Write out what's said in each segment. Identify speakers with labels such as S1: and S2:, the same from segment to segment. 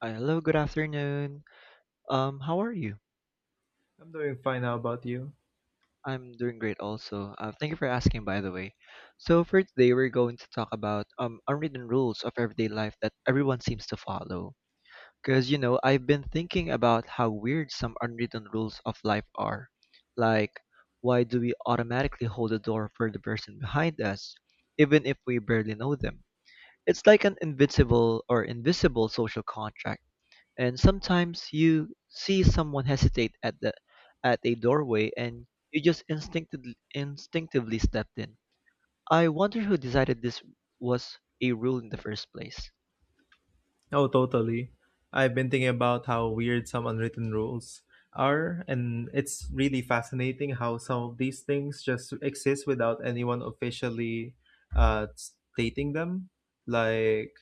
S1: Hello, good afternoon. How are you?
S2: I'm doing fine. How about you?
S1: I'm doing great also. Thank you for asking, by the way. So for today, we're going to talk about unwritten rules of everyday life that everyone seems to follow. Because, you know, I've been thinking about how weird some unwritten rules of life are. Like, why do we automatically hold the door for the person behind us, even if we barely know them? It's like an invincible or invisible social contract. And sometimes you see someone hesitate at a doorway and you just instinctively stepped in. I wonder who decided this was a rule in the first place.
S2: Oh, totally. I've been thinking about how weird some unwritten rules are, and it's really fascinating how some of these things just exist without anyone officially stating them. Like,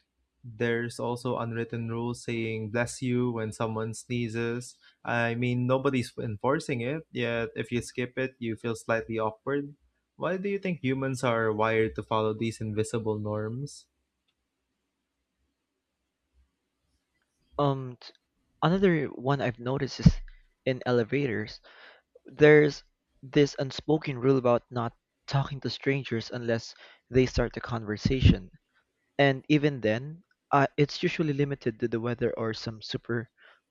S2: there's also unwritten rules saying bless you when someone sneezes. I mean, nobody's enforcing it, yet if you skip it, you feel slightly awkward. Why do you think humans are wired to follow these invisible norms?
S1: Um, t- Another one I've noticed is in elevators. There's this unspoken rule about not talking to strangers unless they start the conversation. And even then, it's usually limited to the weather or some super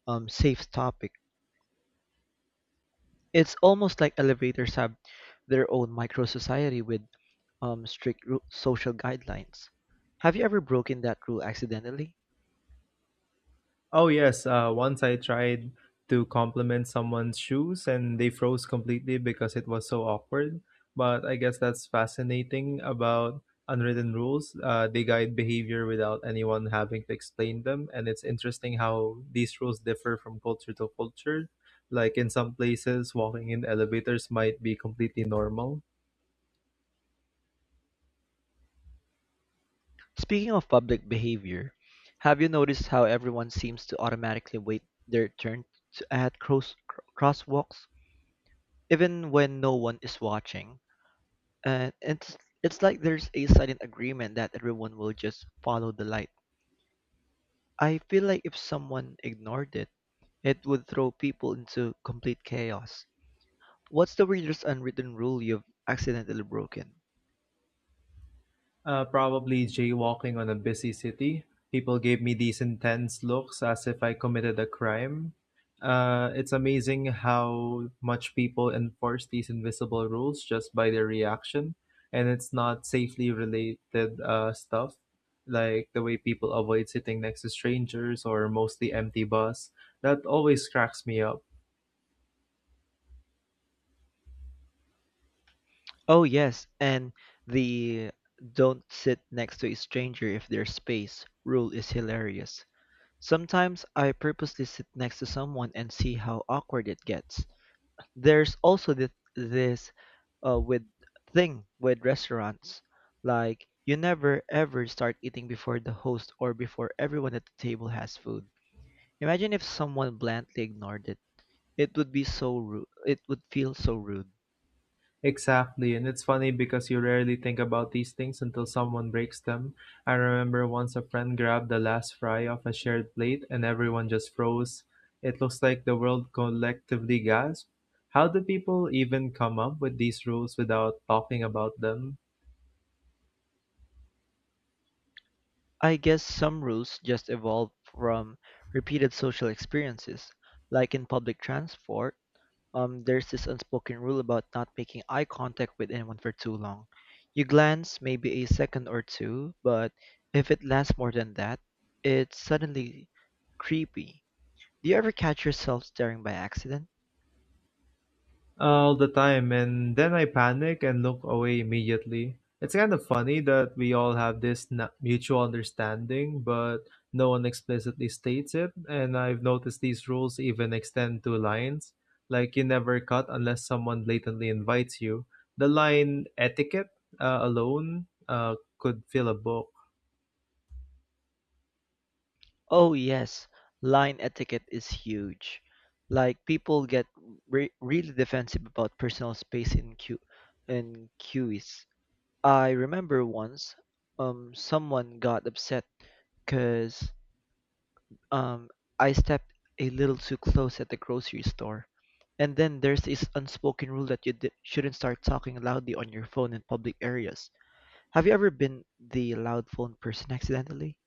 S1: safe topic. It's almost like elevators have their own micro society with social guidelines. Have you ever broken that rule accidentally?
S2: Oh, yes. Once I tried to compliment someone's shoes and they froze completely because it was so awkward. But I guess that's fascinating about unwritten rules. They guide behavior without anyone having to explain them. And it's interesting how these rules differ from culture to culture. Like in some places, walking in elevators might be completely normal.
S1: Speaking of public behavior, have you noticed how everyone seems to automatically wait their turn to at crosswalks, even when no one is watching? And it's like there's a silent agreement that everyone will just follow the light. I feel like if someone ignored it, it would throw people into complete chaos. What's the weirdest unwritten rule you've accidentally broken?
S2: Probably jaywalking on a busy city. People gave me these intense looks as if I committed a crime. It's amazing how much people enforce these invisible rules just by their reaction, and it's not safely related stuff, like the way people avoid sitting next to strangers or mostly empty bus. That always cracks me up.
S1: Oh yes, and the don't sit next to a stranger if there's space rule is hilarious. Sometimes I purposely sit next to someone and see how awkward it gets. There's also this with thing with restaurants, like you never ever start eating before the host or before everyone at the table has food. Imagine if someone blandly ignored it. It would be so rude. It would feel so rude.
S2: Exactly, and it's funny because you rarely think about these things until someone breaks them. I remember once a friend grabbed the last fry off a shared plate and everyone just froze. It looks like the world collectively gasped. How do people even come up with these rules without talking about them?
S1: I guess some rules just evolve from repeated social experiences, like in public transport there's this unspoken rule about not making eye contact with anyone for too long. You glance maybe a second or two, but if it lasts more than that, it's suddenly creepy. Do you ever catch yourself staring by accident?
S2: All the time, and then I panic and look away immediately. It's kind of funny that we all have this mutual understanding, but no one explicitly states it. And I've noticed these rules even extend to lines, like you never cut unless someone blatantly invites you. The line etiquette alone could fill a book.
S1: Oh yes, line etiquette is huge. Like people get really defensive about personal space in queues. I remember once, someone got upset because um I stepped a little too close at the grocery store. And then there's this unspoken rule that you shouldn't start talking loudly on your phone in public areas. Have you ever been the loud phone person accidentally?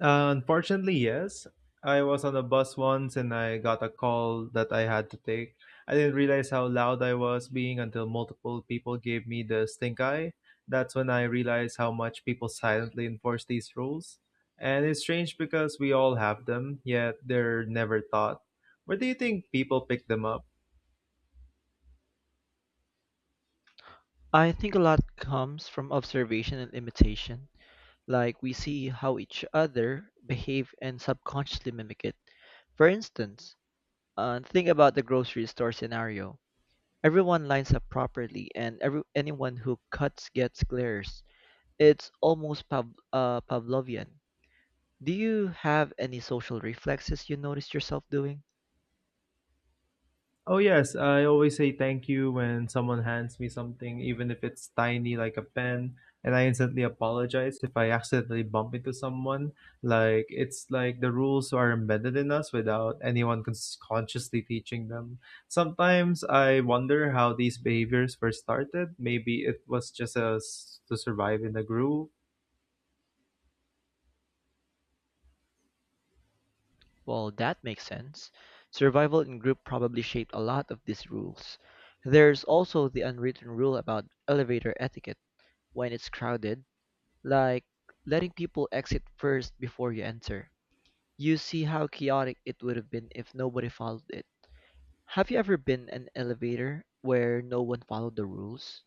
S2: Unfortunately, yes. I was on a bus once and I got a call that I had to take. I didn't realize how loud I was being until multiple people gave me the stink eye. That's when I realized how much people silently enforce these rules. And it's strange because we all have them, yet they're never taught. Where do you think people pick them up?
S1: I think a lot comes from observation and imitation. Like we see how each other behave and subconsciously mimic it. For instance, think about the grocery store scenario. Everyone lines up properly, and every anyone who cuts gets glares. It's almost Pavlovian. Do you have any social reflexes you noticed yourself doing?
S2: Oh yes, I always say thank you when someone hands me something, even if it's tiny like a pen, and I instantly apologize if I accidentally bump into someone. Like it's like the rules are embedded in us without anyone consciously teaching them. Sometimes I wonder how these behaviors were started. Maybe it was just a s to survive in the groove.
S1: Well, that makes sense. Survival in group probably shaped a lot of these rules. There's also the unwritten rule about elevator etiquette when it's crowded, like letting people exit first before you enter. You see how chaotic it would have been if nobody followed it. Have you ever been an elevator where no one followed the rules?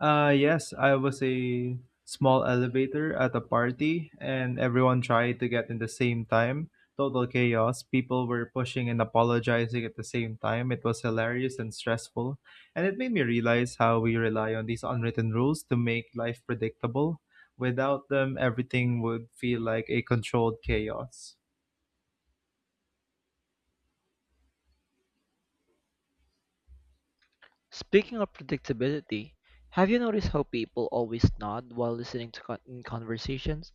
S2: Yes, I was a small elevator at a party, and everyone tried to get in the same time. Total chaos. People were pushing and apologizing at the same time. It was hilarious and stressful, and it made me realize how we rely on these unwritten rules to make life predictable. Without them, everything would feel like a controlled chaos.
S1: Speaking of predictability, have you noticed how people always nod while listening to in conversations?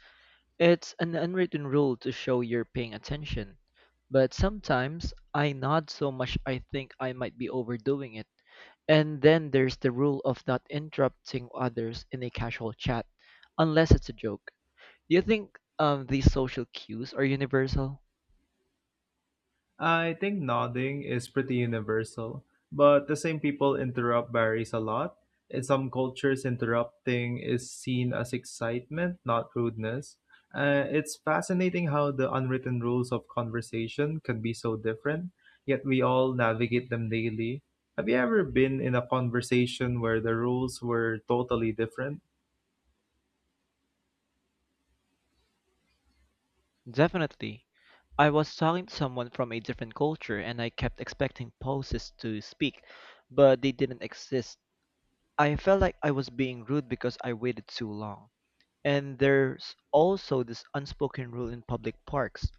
S1: It's an unwritten rule to show you're paying attention. But sometimes I nod so much I think I might be overdoing it. And then there's the rule of not interrupting others in a casual chat, unless it's a joke. Do you think these social cues are universal?
S2: I think nodding is pretty universal, but the same people interrupt varies a lot. In some cultures, interrupting is seen as excitement, not rudeness. It's fascinating how the unwritten rules of conversation can be so different, yet we all navigate them daily. Have you ever been in a conversation where the rules were totally different?
S1: Definitely. I was talking to someone from a different culture and I kept expecting poses to speak, but they didn't exist. I felt like I was being rude because I waited too long. And there's also this unspoken rule in public parks: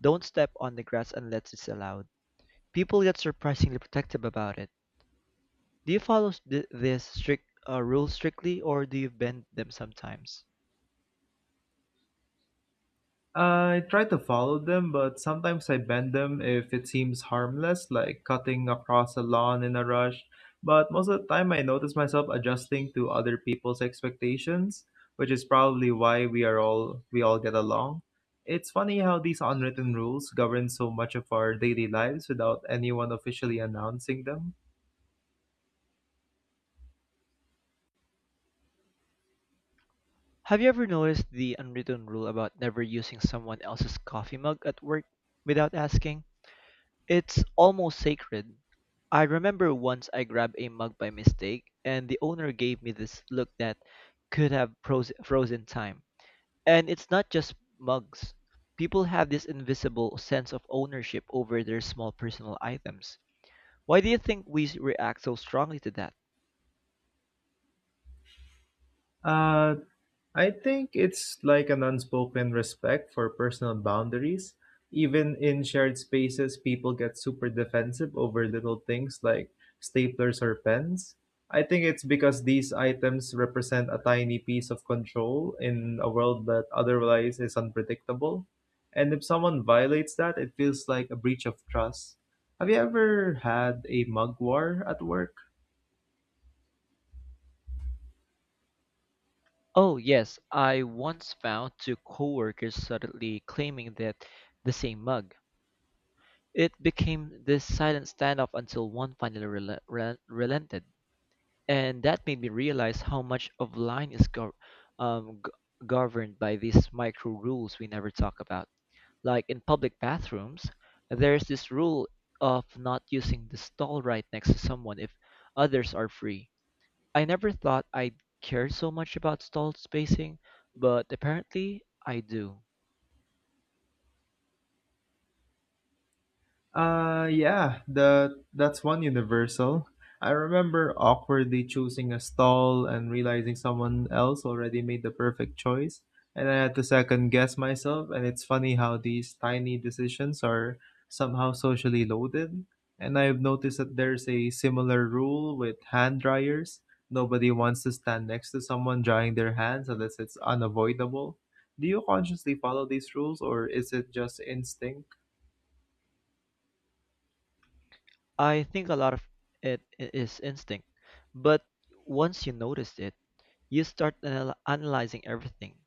S1: don't step on the grass unless it's allowed. People get surprisingly protective about it. Do you follow this strict rule strictly or do you bend them sometimes?
S2: I try to follow them, but sometimes I bend them if it seems harmless, like cutting across a lawn in a rush. But most of the time, I notice myself adjusting to other people's expectations, which is probably why we all get along. It's funny how these unwritten rules govern so much of our daily lives without anyone officially announcing them.
S1: Have you ever noticed the unwritten rule about never using someone else's coffee mug at work without asking? It's almost sacred. I remember once I grabbed a mug by mistake, and the owner gave me this look that could have frozen time. And it's not just mugs. People have this invisible sense of ownership over their small personal items. Why do you think we react so strongly to that?
S2: Uh, I think it's like an unspoken respect for personal boundaries. Even in shared spaces, people get super defensive over little things like staplers or pens. I think it's because these items represent a tiny piece of control in a world that otherwise is unpredictable. And if someone violates that, it feels like a breach of trust. Have you ever had a mug war at work?
S1: Oh yes, I once found two coworkers suddenly claiming that the same mug. It became this silent standoff until one finally relented, and that made me realize how much of line is um, g- governed by these micro rules we never talk about. Like in public bathrooms, there's this rule of not using the stall right next to someone if others are free. I never thought I'd care so much about stall spacing, but apparently I do.
S2: Yeah, the that's one universal. I remember awkwardly choosing a stall and realizing someone else already made the perfect choice, and I had to second guess myself. And it's funny how these tiny decisions are somehow socially loaded. And I've noticed that there's a similar rule with hand dryers. Nobody wants to stand next to someone drying their hands unless it's unavoidable. Do you consciously follow these rules, or is it just instinct?
S1: I think a lot of it is instinct, but once you notice it, you start analyzing everything.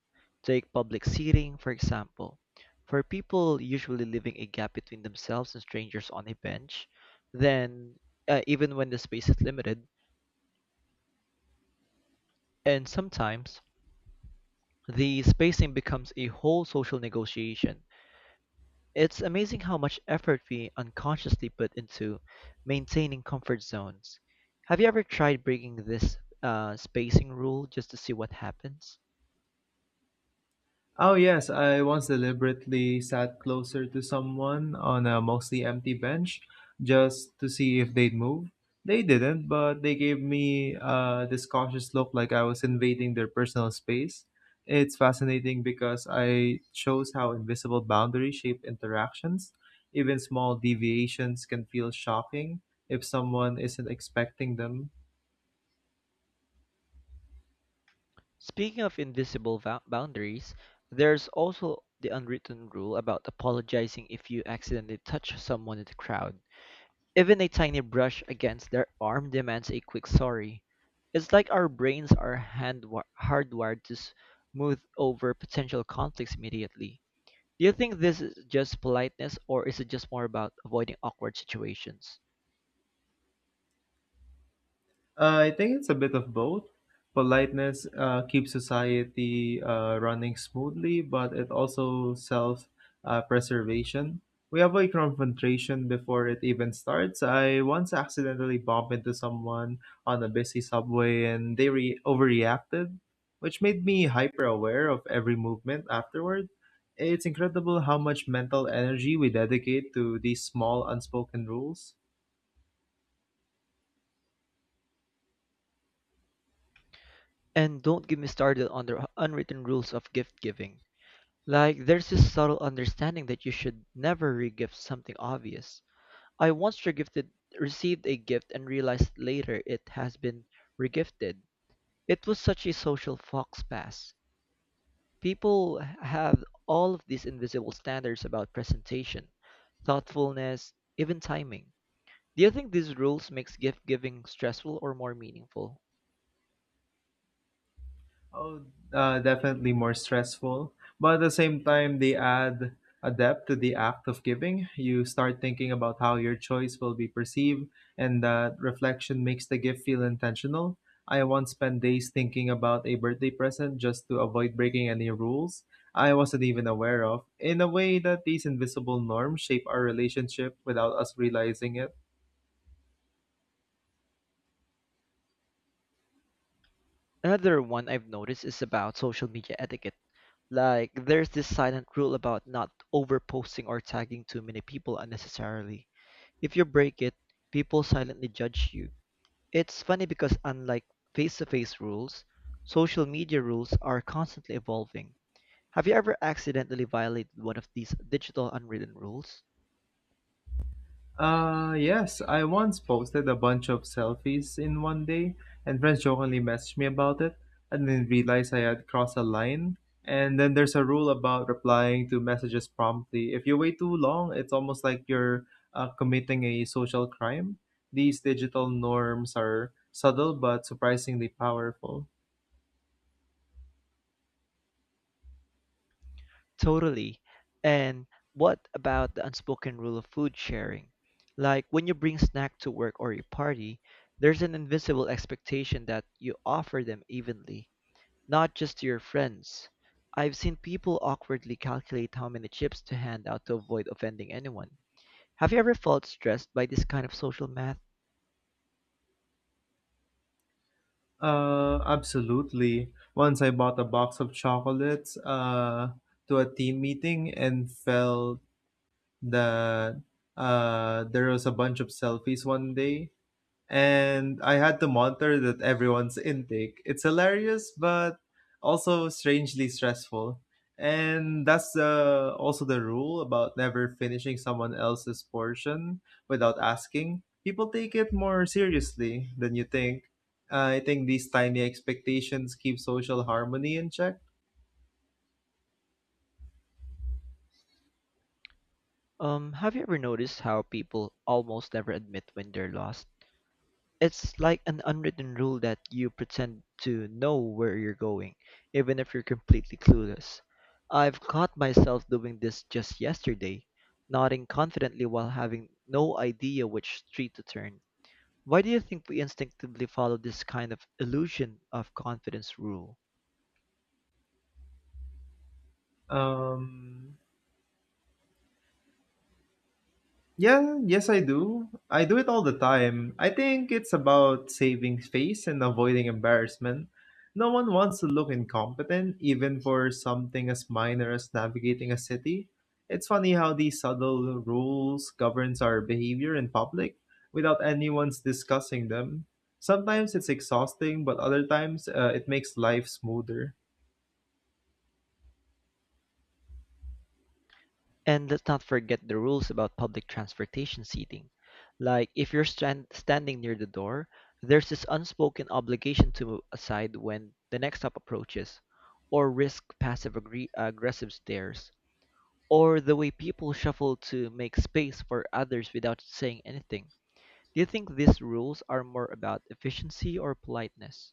S1: Take public seating, for example. For people usually leaving a gap between themselves and strangers on a bench, then even when the space is limited, and sometimes the spacing becomes a whole social negotiation. It's amazing how much effort we unconsciously put into maintaining comfort zones. Have you ever tried breaking this spacing rule just to see what happens?
S2: Oh, yes, I once deliberately sat closer to someone on a mostly empty bench just to see if they'd move. They didn't, but they gave me this cautious look like I was invading their personal space. It's fascinating because I shows how invisible boundaries shape interactions. Even small deviations can feel shocking if someone isn't expecting them.
S1: Speaking of invisible boundaries, there's also the unwritten rule about apologizing if you accidentally touch someone in the crowd. Even a tiny brush against their arm demands a quick sorry. It's like our brains are hand hardwired to smooth over potential conflicts immediately. Do you think this is just politeness or is it just more about avoiding awkward situations?
S2: I think it's a bit of both. Politeness keeps society running smoothly, but it also self preservation. We avoid confrontation before it even starts. I once accidentally bumped into someone on a busy subway and they overreacted, which made me hyper aware of every movement afterward. It's incredible how much mental energy we dedicate to these small unspoken rules.
S1: And don't get me started on the unwritten rules of gift giving. Like, there's this subtle understanding that you should never regift something obvious. I once received a gift and realized later it has been regifted. It was such a social fox pass. People have all of these invisible standards about presentation, thoughtfulness, even timing. Do you think these rules makes gift giving stressful or more meaningful?
S2: Oh, definitely more stressful. But at the same time, they add a depth to the act of giving. You start thinking about how your choice will be perceived, and that reflection makes the gift feel intentional. I once spent days thinking about a birthday present just to avoid breaking any rules I wasn't even aware of, in a way that these invisible norms shape our relationship without us realizing it.
S1: Another one I've noticed is about social media etiquette. Like there's this silent rule about not overposting or tagging too many people unnecessarily. If you break it, people silently judge you. It's funny because unlike face-to-face rules, social media rules are constantly evolving. Have you ever accidentally violated one of these digital unwritten rules?
S2: Yes, I once posted a bunch of selfies in one day, and friends jokingly messaged me about it. I didn't realize I had crossed a line. And then there's a rule about replying to messages promptly. If you wait too long, it's almost like you're committing a social crime. These digital norms are subtle but surprisingly powerful.
S1: Totally. And what about the unspoken rule of food sharing? Like when you bring snack to work or your party, there's an invisible expectation that you offer them evenly, not just to your friends. I've seen people awkwardly calculate how many chips to hand out to avoid offending anyone. Have you ever felt stressed by this kind of social math?
S2: Absolutely. Once I bought a box of chocolates, to a team meeting and felt that there was a bunch of selfies one day, and I had to monitor that everyone's intake. It's hilarious, but also strangely stressful. And that's also the rule about never finishing someone else's portion without asking. People take it more seriously than you think. I think these tiny expectations keep social harmony in check.
S1: Have you ever noticed how people almost never admit when they're lost? It's like an unwritten rule that you pretend to know where you're going, even if you're completely clueless. I've caught myself doing this just yesterday, nodding confidently while having no idea which street to turn. Why do you think we instinctively follow this kind of illusion of confidence rule?
S2: Um, Yeah, yes, I do. I do it all the time. I think it's about saving face and avoiding embarrassment. No one wants to look incompetent, even for something as minor as navigating a city. It's funny how these subtle rules governs our behavior in public without anyone's discussing them. Sometimes it's exhausting, but other times it makes life smoother.
S1: And let's not forget the rules about public transportation seating. Like, if you're standing near the door, there's this unspoken obligation to move aside when the next stop approaches, or risk passive aggressive stares, or the way people shuffle to make space for others without saying anything. Do you think these rules are more about efficiency or politeness?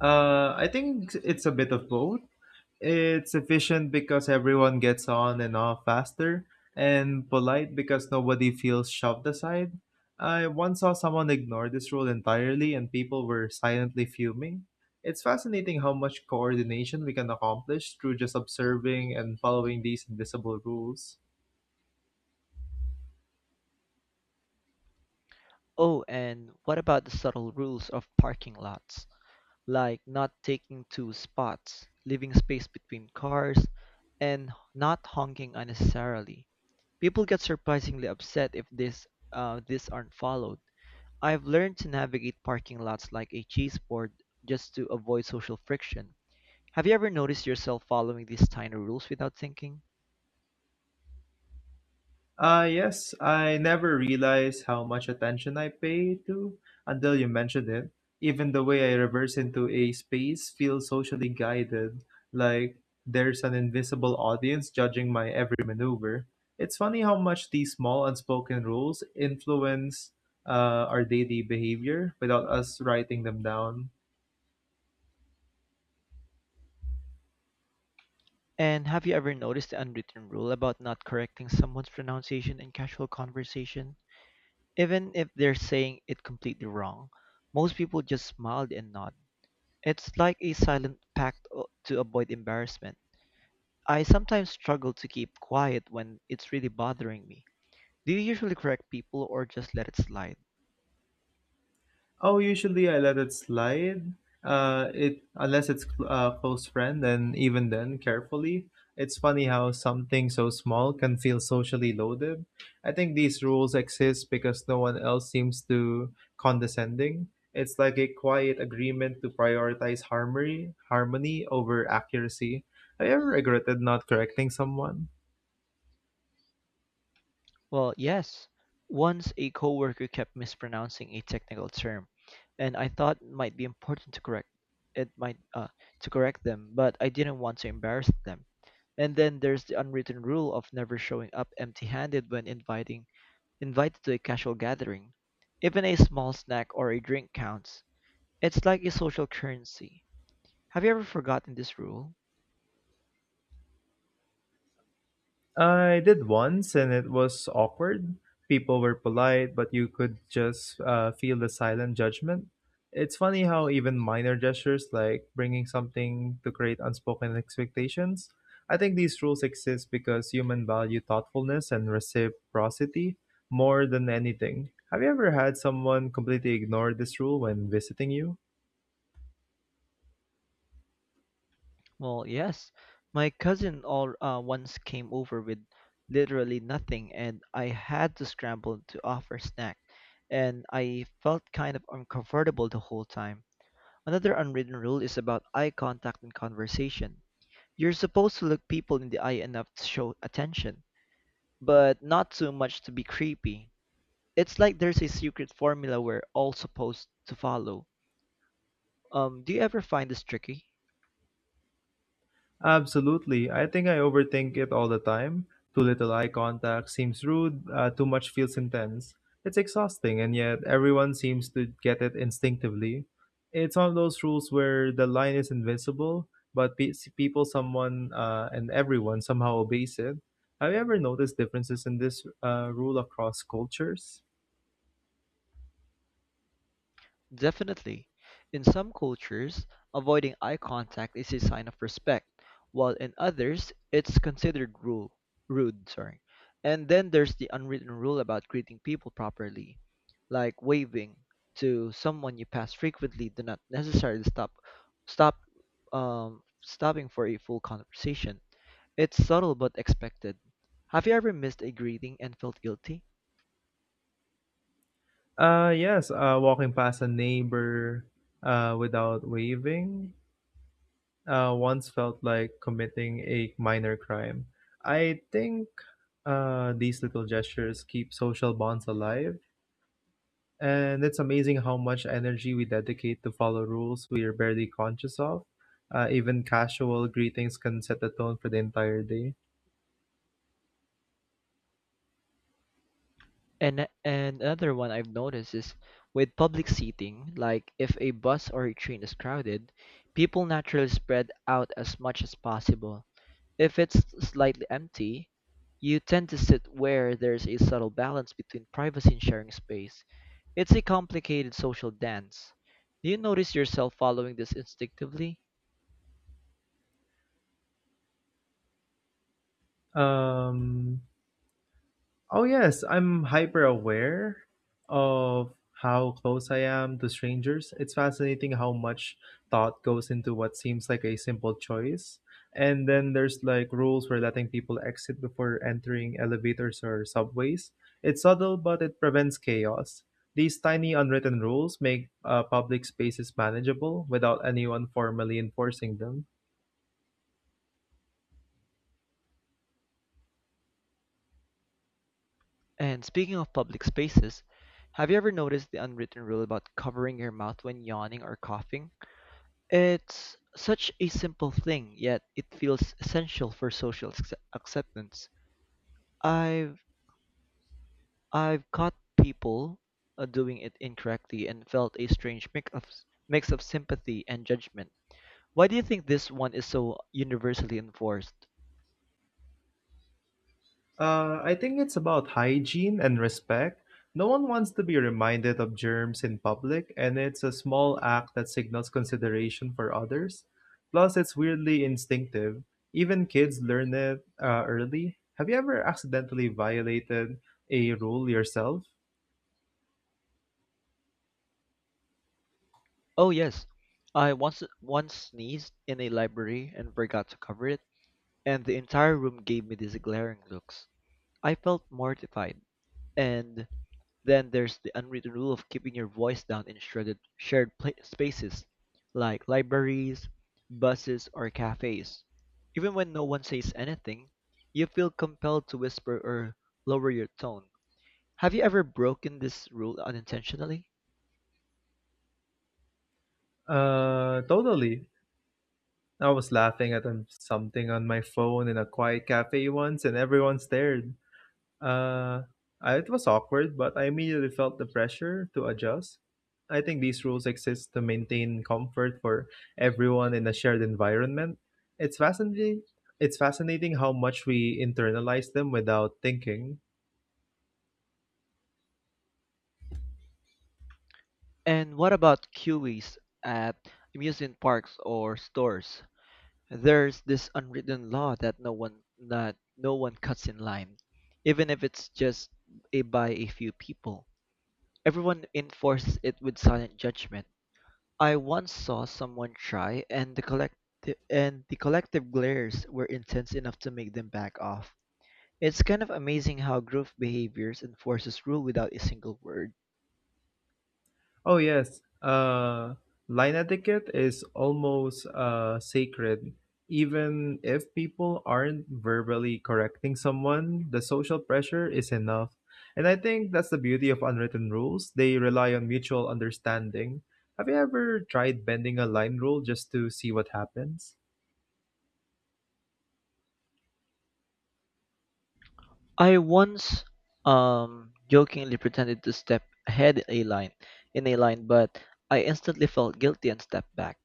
S2: I think it's a bit of both. It's efficient because everyone gets on and off faster, and polite because nobody feels shoved aside. I once saw someone ignore this rule entirely, and people were silently fuming. It's fascinating how much coordination we can accomplish through just observing and following these invisible rules.
S1: Oh, and what about the subtle rules of parking lots? Like not taking two spots, leaving space between cars, and not honking unnecessarily. People get surprisingly upset if this these aren't followed. I've learned to navigate parking lots like a cheese board just to avoid social friction. Have you ever noticed yourself following these tiny rules without thinking?
S2: Yes, I never realized how much attention I pay to until you mentioned it. Even the way I reverse into a space feels socially guided, like there's an invisible audience judging my every maneuver. It's funny how much these small unspoken rules influence our daily behavior without us writing them down.
S1: And have you ever noticed the unwritten rule about not correcting someone's pronunciation in casual conversation? Even if they're saying it completely wrong, most people just smiled and nod. It's like a silent pact to avoid embarrassment. I sometimes struggle to keep quiet when it's really bothering me. Do you usually correct people or just let it slide?
S2: Oh, usually I let it slide. It unless it's a close friend, and even then, carefully. It's funny how something so small can feel socially loaded. I think these rules exist because no one else seems to condescending. It's like a quiet agreement to prioritize harmony over accuracy. Have you ever regretted not correcting someone?
S1: Well, yes. Once a coworker kept mispronouncing a technical term, and I thought it might be important to correct it might to correct them, but I didn't want to embarrass them. And then there's the unwritten rule of never showing up empty-handed when inviting invited to a casual gathering. Even a small snack or a drink counts. It's like a social currency. Have you ever forgotten this rule?
S2: I did once, and it was awkward. People were polite, but you could just feel the silent judgment. It's funny how even minor gestures, like bringing something to create unspoken expectations, I think these rules exist because human value thoughtfulness and reciprocity more than anything. Have you ever had someone completely ignore this rule when visiting you?
S1: Well, yes. My cousin all once came over with literally nothing, and I had to scramble to offer snack, and I felt kind of uncomfortable the whole time. Another unwritten rule is about eye contact in conversation. You're supposed to look people in the eye enough to show attention, but not too much to be creepy. It's like there's a secret formula we're all supposed to follow. Do you ever find this tricky?
S2: Absolutely. I think I overthink it all the time. Too little eye contact seems rude, too much feels intense. It's exhausting, and yet everyone seems to get it instinctively. It's one of those rules where the line is invisible, but people, someone, and everyone somehow obeys it. Have you ever noticed differences in this rule across cultures?
S1: Definitely. In some cultures, avoiding eye contact is a sign of respect, while in others, it's considered rude. Sorry. And then there's the unwritten rule about greeting people properly, like waving to someone you pass frequently. Do not necessarily stop, stopping for a full conversation. It's subtle but expected. Have you ever missed a greeting and felt guilty?
S2: Yes, walking past a neighbor without waving, once felt like committing a minor crime. I think these little gestures keep social bonds alive, and it's amazing how much energy we dedicate to follow rules we are barely conscious of. Even casual greetings can set the tone for the entire day.
S1: And another one I've noticed is with public seating, like if a bus or a train is crowded, people naturally spread out as much as possible. If it's slightly empty, you tend to sit where there's a subtle balance between privacy and sharing space. It's a complicated social dance. Do you notice yourself following this instinctively?
S2: Um, Oh, yes, I'm hyper aware of how close I am to strangers. It's fascinating how much thought goes into what seems like a simple choice. And then there's like rules for letting people exit before entering elevators or subways. It's subtle, but it prevents chaos. These tiny unwritten rules make public spaces manageable without anyone formally enforcing them.
S1: And speaking of public spaces, have you ever noticed the unwritten rule about covering your mouth when yawning or coughing? It's such a simple thing, yet it feels essential for social acceptance. I've I've caught people doing it incorrectly and felt a strange mix of sympathy and judgment. Why do you think this one is so universally enforced?
S2: I think it's about hygiene and respect. No one wants to be reminded of germs in public, and it's a small act that signals consideration for others. Plus, it's weirdly instinctive. Even kids learn it early. Have you ever accidentally violated a rule yourself?
S1: Oh yes, I once sneezed in a library and forgot to cover it, and the entire room gave me these glaring looks. I felt mortified. And then there's the unwritten rule of keeping your voice down in shredded shared spaces like libraries, buses, or cafes. Even when no one says anything, you feel compelled to whisper or lower your tone. Have you ever broken this rule unintentionally?
S2: Totally. I was laughing at something on my phone in a quiet cafe once, and everyone stared. Uh, it was awkward, but I immediately felt the pressure to adjust. I think these rules exist to maintain comfort for everyone in a shared environment. It's fascinating. It's fascinating how much we internalize them without thinking.
S1: And what about queues at amusement parks or stores? There's this unwritten law that no one cuts in line, even if it's just by a few people. Everyone enforces it with silent judgment. I once saw someone try, and the collective glares were intense enough to make them back off. It's kind of amazing how group behaviors enforces rule without a single word.
S2: Oh yes, line etiquette is almost sacred. Even if people aren't verbally correcting someone, the social pressure is enough. And I think that's the beauty of unwritten rules. They rely on mutual understanding. Have you ever tried bending a line rule just to see what happens?
S1: I once jokingly pretended to step ahead a line in a line, but I instantly felt guilty and stepped back.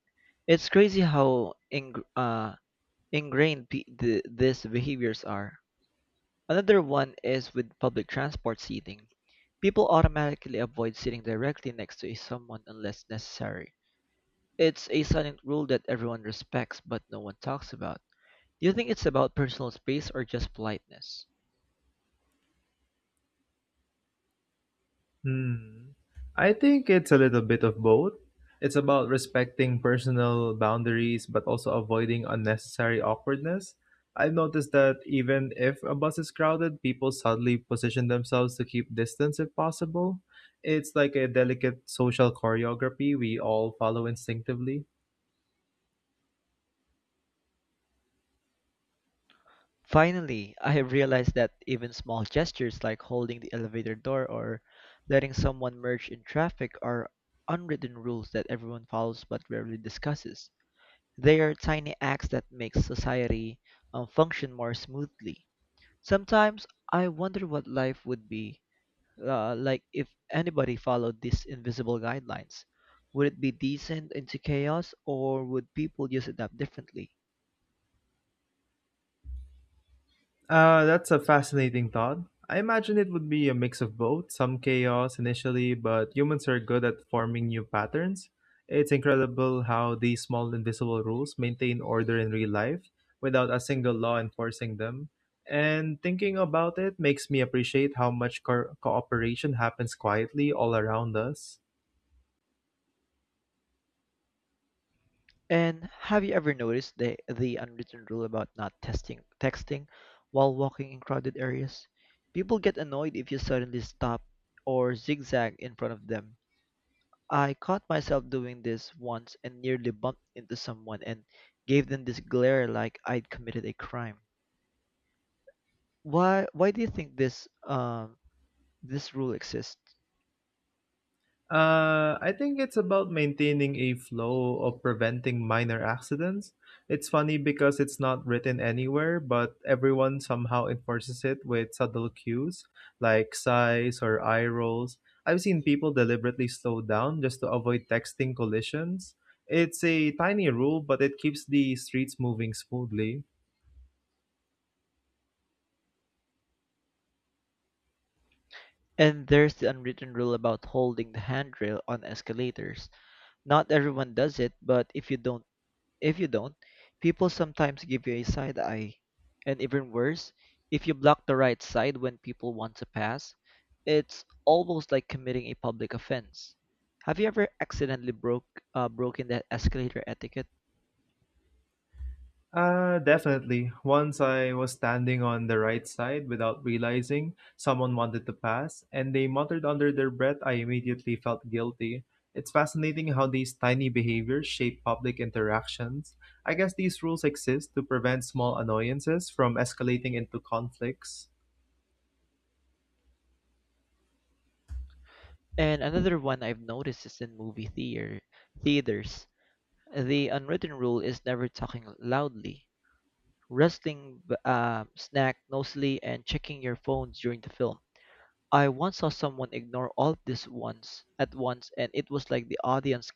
S1: It's crazy how ingrained these behaviors are. Another one is with public transport seating. People automatically avoid sitting directly next to someone unless necessary. It's a silent rule that everyone respects but no one talks about. Do you think it's about personal space or just politeness?
S2: Hmm. I think it's a little bit of both. It's about respecting personal boundaries, but also avoiding unnecessary awkwardness. I've noticed that even if a bus is crowded, people subtly position themselves to keep distance if possible. It's like a delicate social choreography we all follow instinctively.
S1: Finally, I have realized that even small gestures like holding the elevator door or letting someone merge in traffic are unwritten rules that everyone follows but rarely discusses. They are tiny acts that make society function more smoothly. Sometimes I wonder what life would be like if anybody followed these invisible guidelines. Would it be decent into chaos, or would people just adapt differently?
S2: That's a fascinating thought. I imagine it would be a mix of both, some chaos initially, but humans are good at forming new patterns. It's incredible how these small invisible rules maintain order in real life without a single law enforcing them. And thinking about it makes me appreciate how much cooperation happens quietly all around us.
S1: And have you ever noticed the unwritten rule about not testing texting while walking in crowded areas? People get annoyed if you suddenly stop or zigzag in front of them. I caught myself doing this once and nearly bumped into someone and gave them this glare like I'd committed a crime. Why do you think this rule exists?
S2: I think it's about maintaining a flow of preventing minor accidents. It's funny because it's not written anywhere, but everyone somehow enforces it with subtle cues like sighs or eye rolls. I've seen people deliberately slow down just to avoid texting collisions. It's a tiny rule, but it keeps the streets moving smoothly.
S1: And there's the unwritten rule about holding the handrail on escalators. Not everyone does it, but if you don't, people sometimes give you a side eye. And even worse, if you block the right side when people want to pass, it's almost like committing a public offense. Have you ever accidentally broken that escalator etiquette?
S2: Definitely. Once I was standing on the right side without realizing someone wanted to pass, and they muttered under their breath. I immediately felt guilty. It's fascinating how these tiny behaviors shape public interactions. I guess these rules exist to prevent small annoyances from escalating into conflicts.
S1: And another one I've noticed is in movie theater theaters. The unwritten rule is never talking loudly, rustling snack nosily, and checking your phone during the film. I once saw someone ignore all of this once at once, and it was like the audience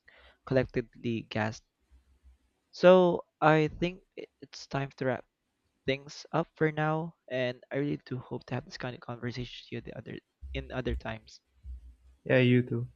S1: collectively gasped. So I think it's time to wrap things up for now, and I really do hope to have this kind of conversation with you the other in other times.
S2: Yeah, you too.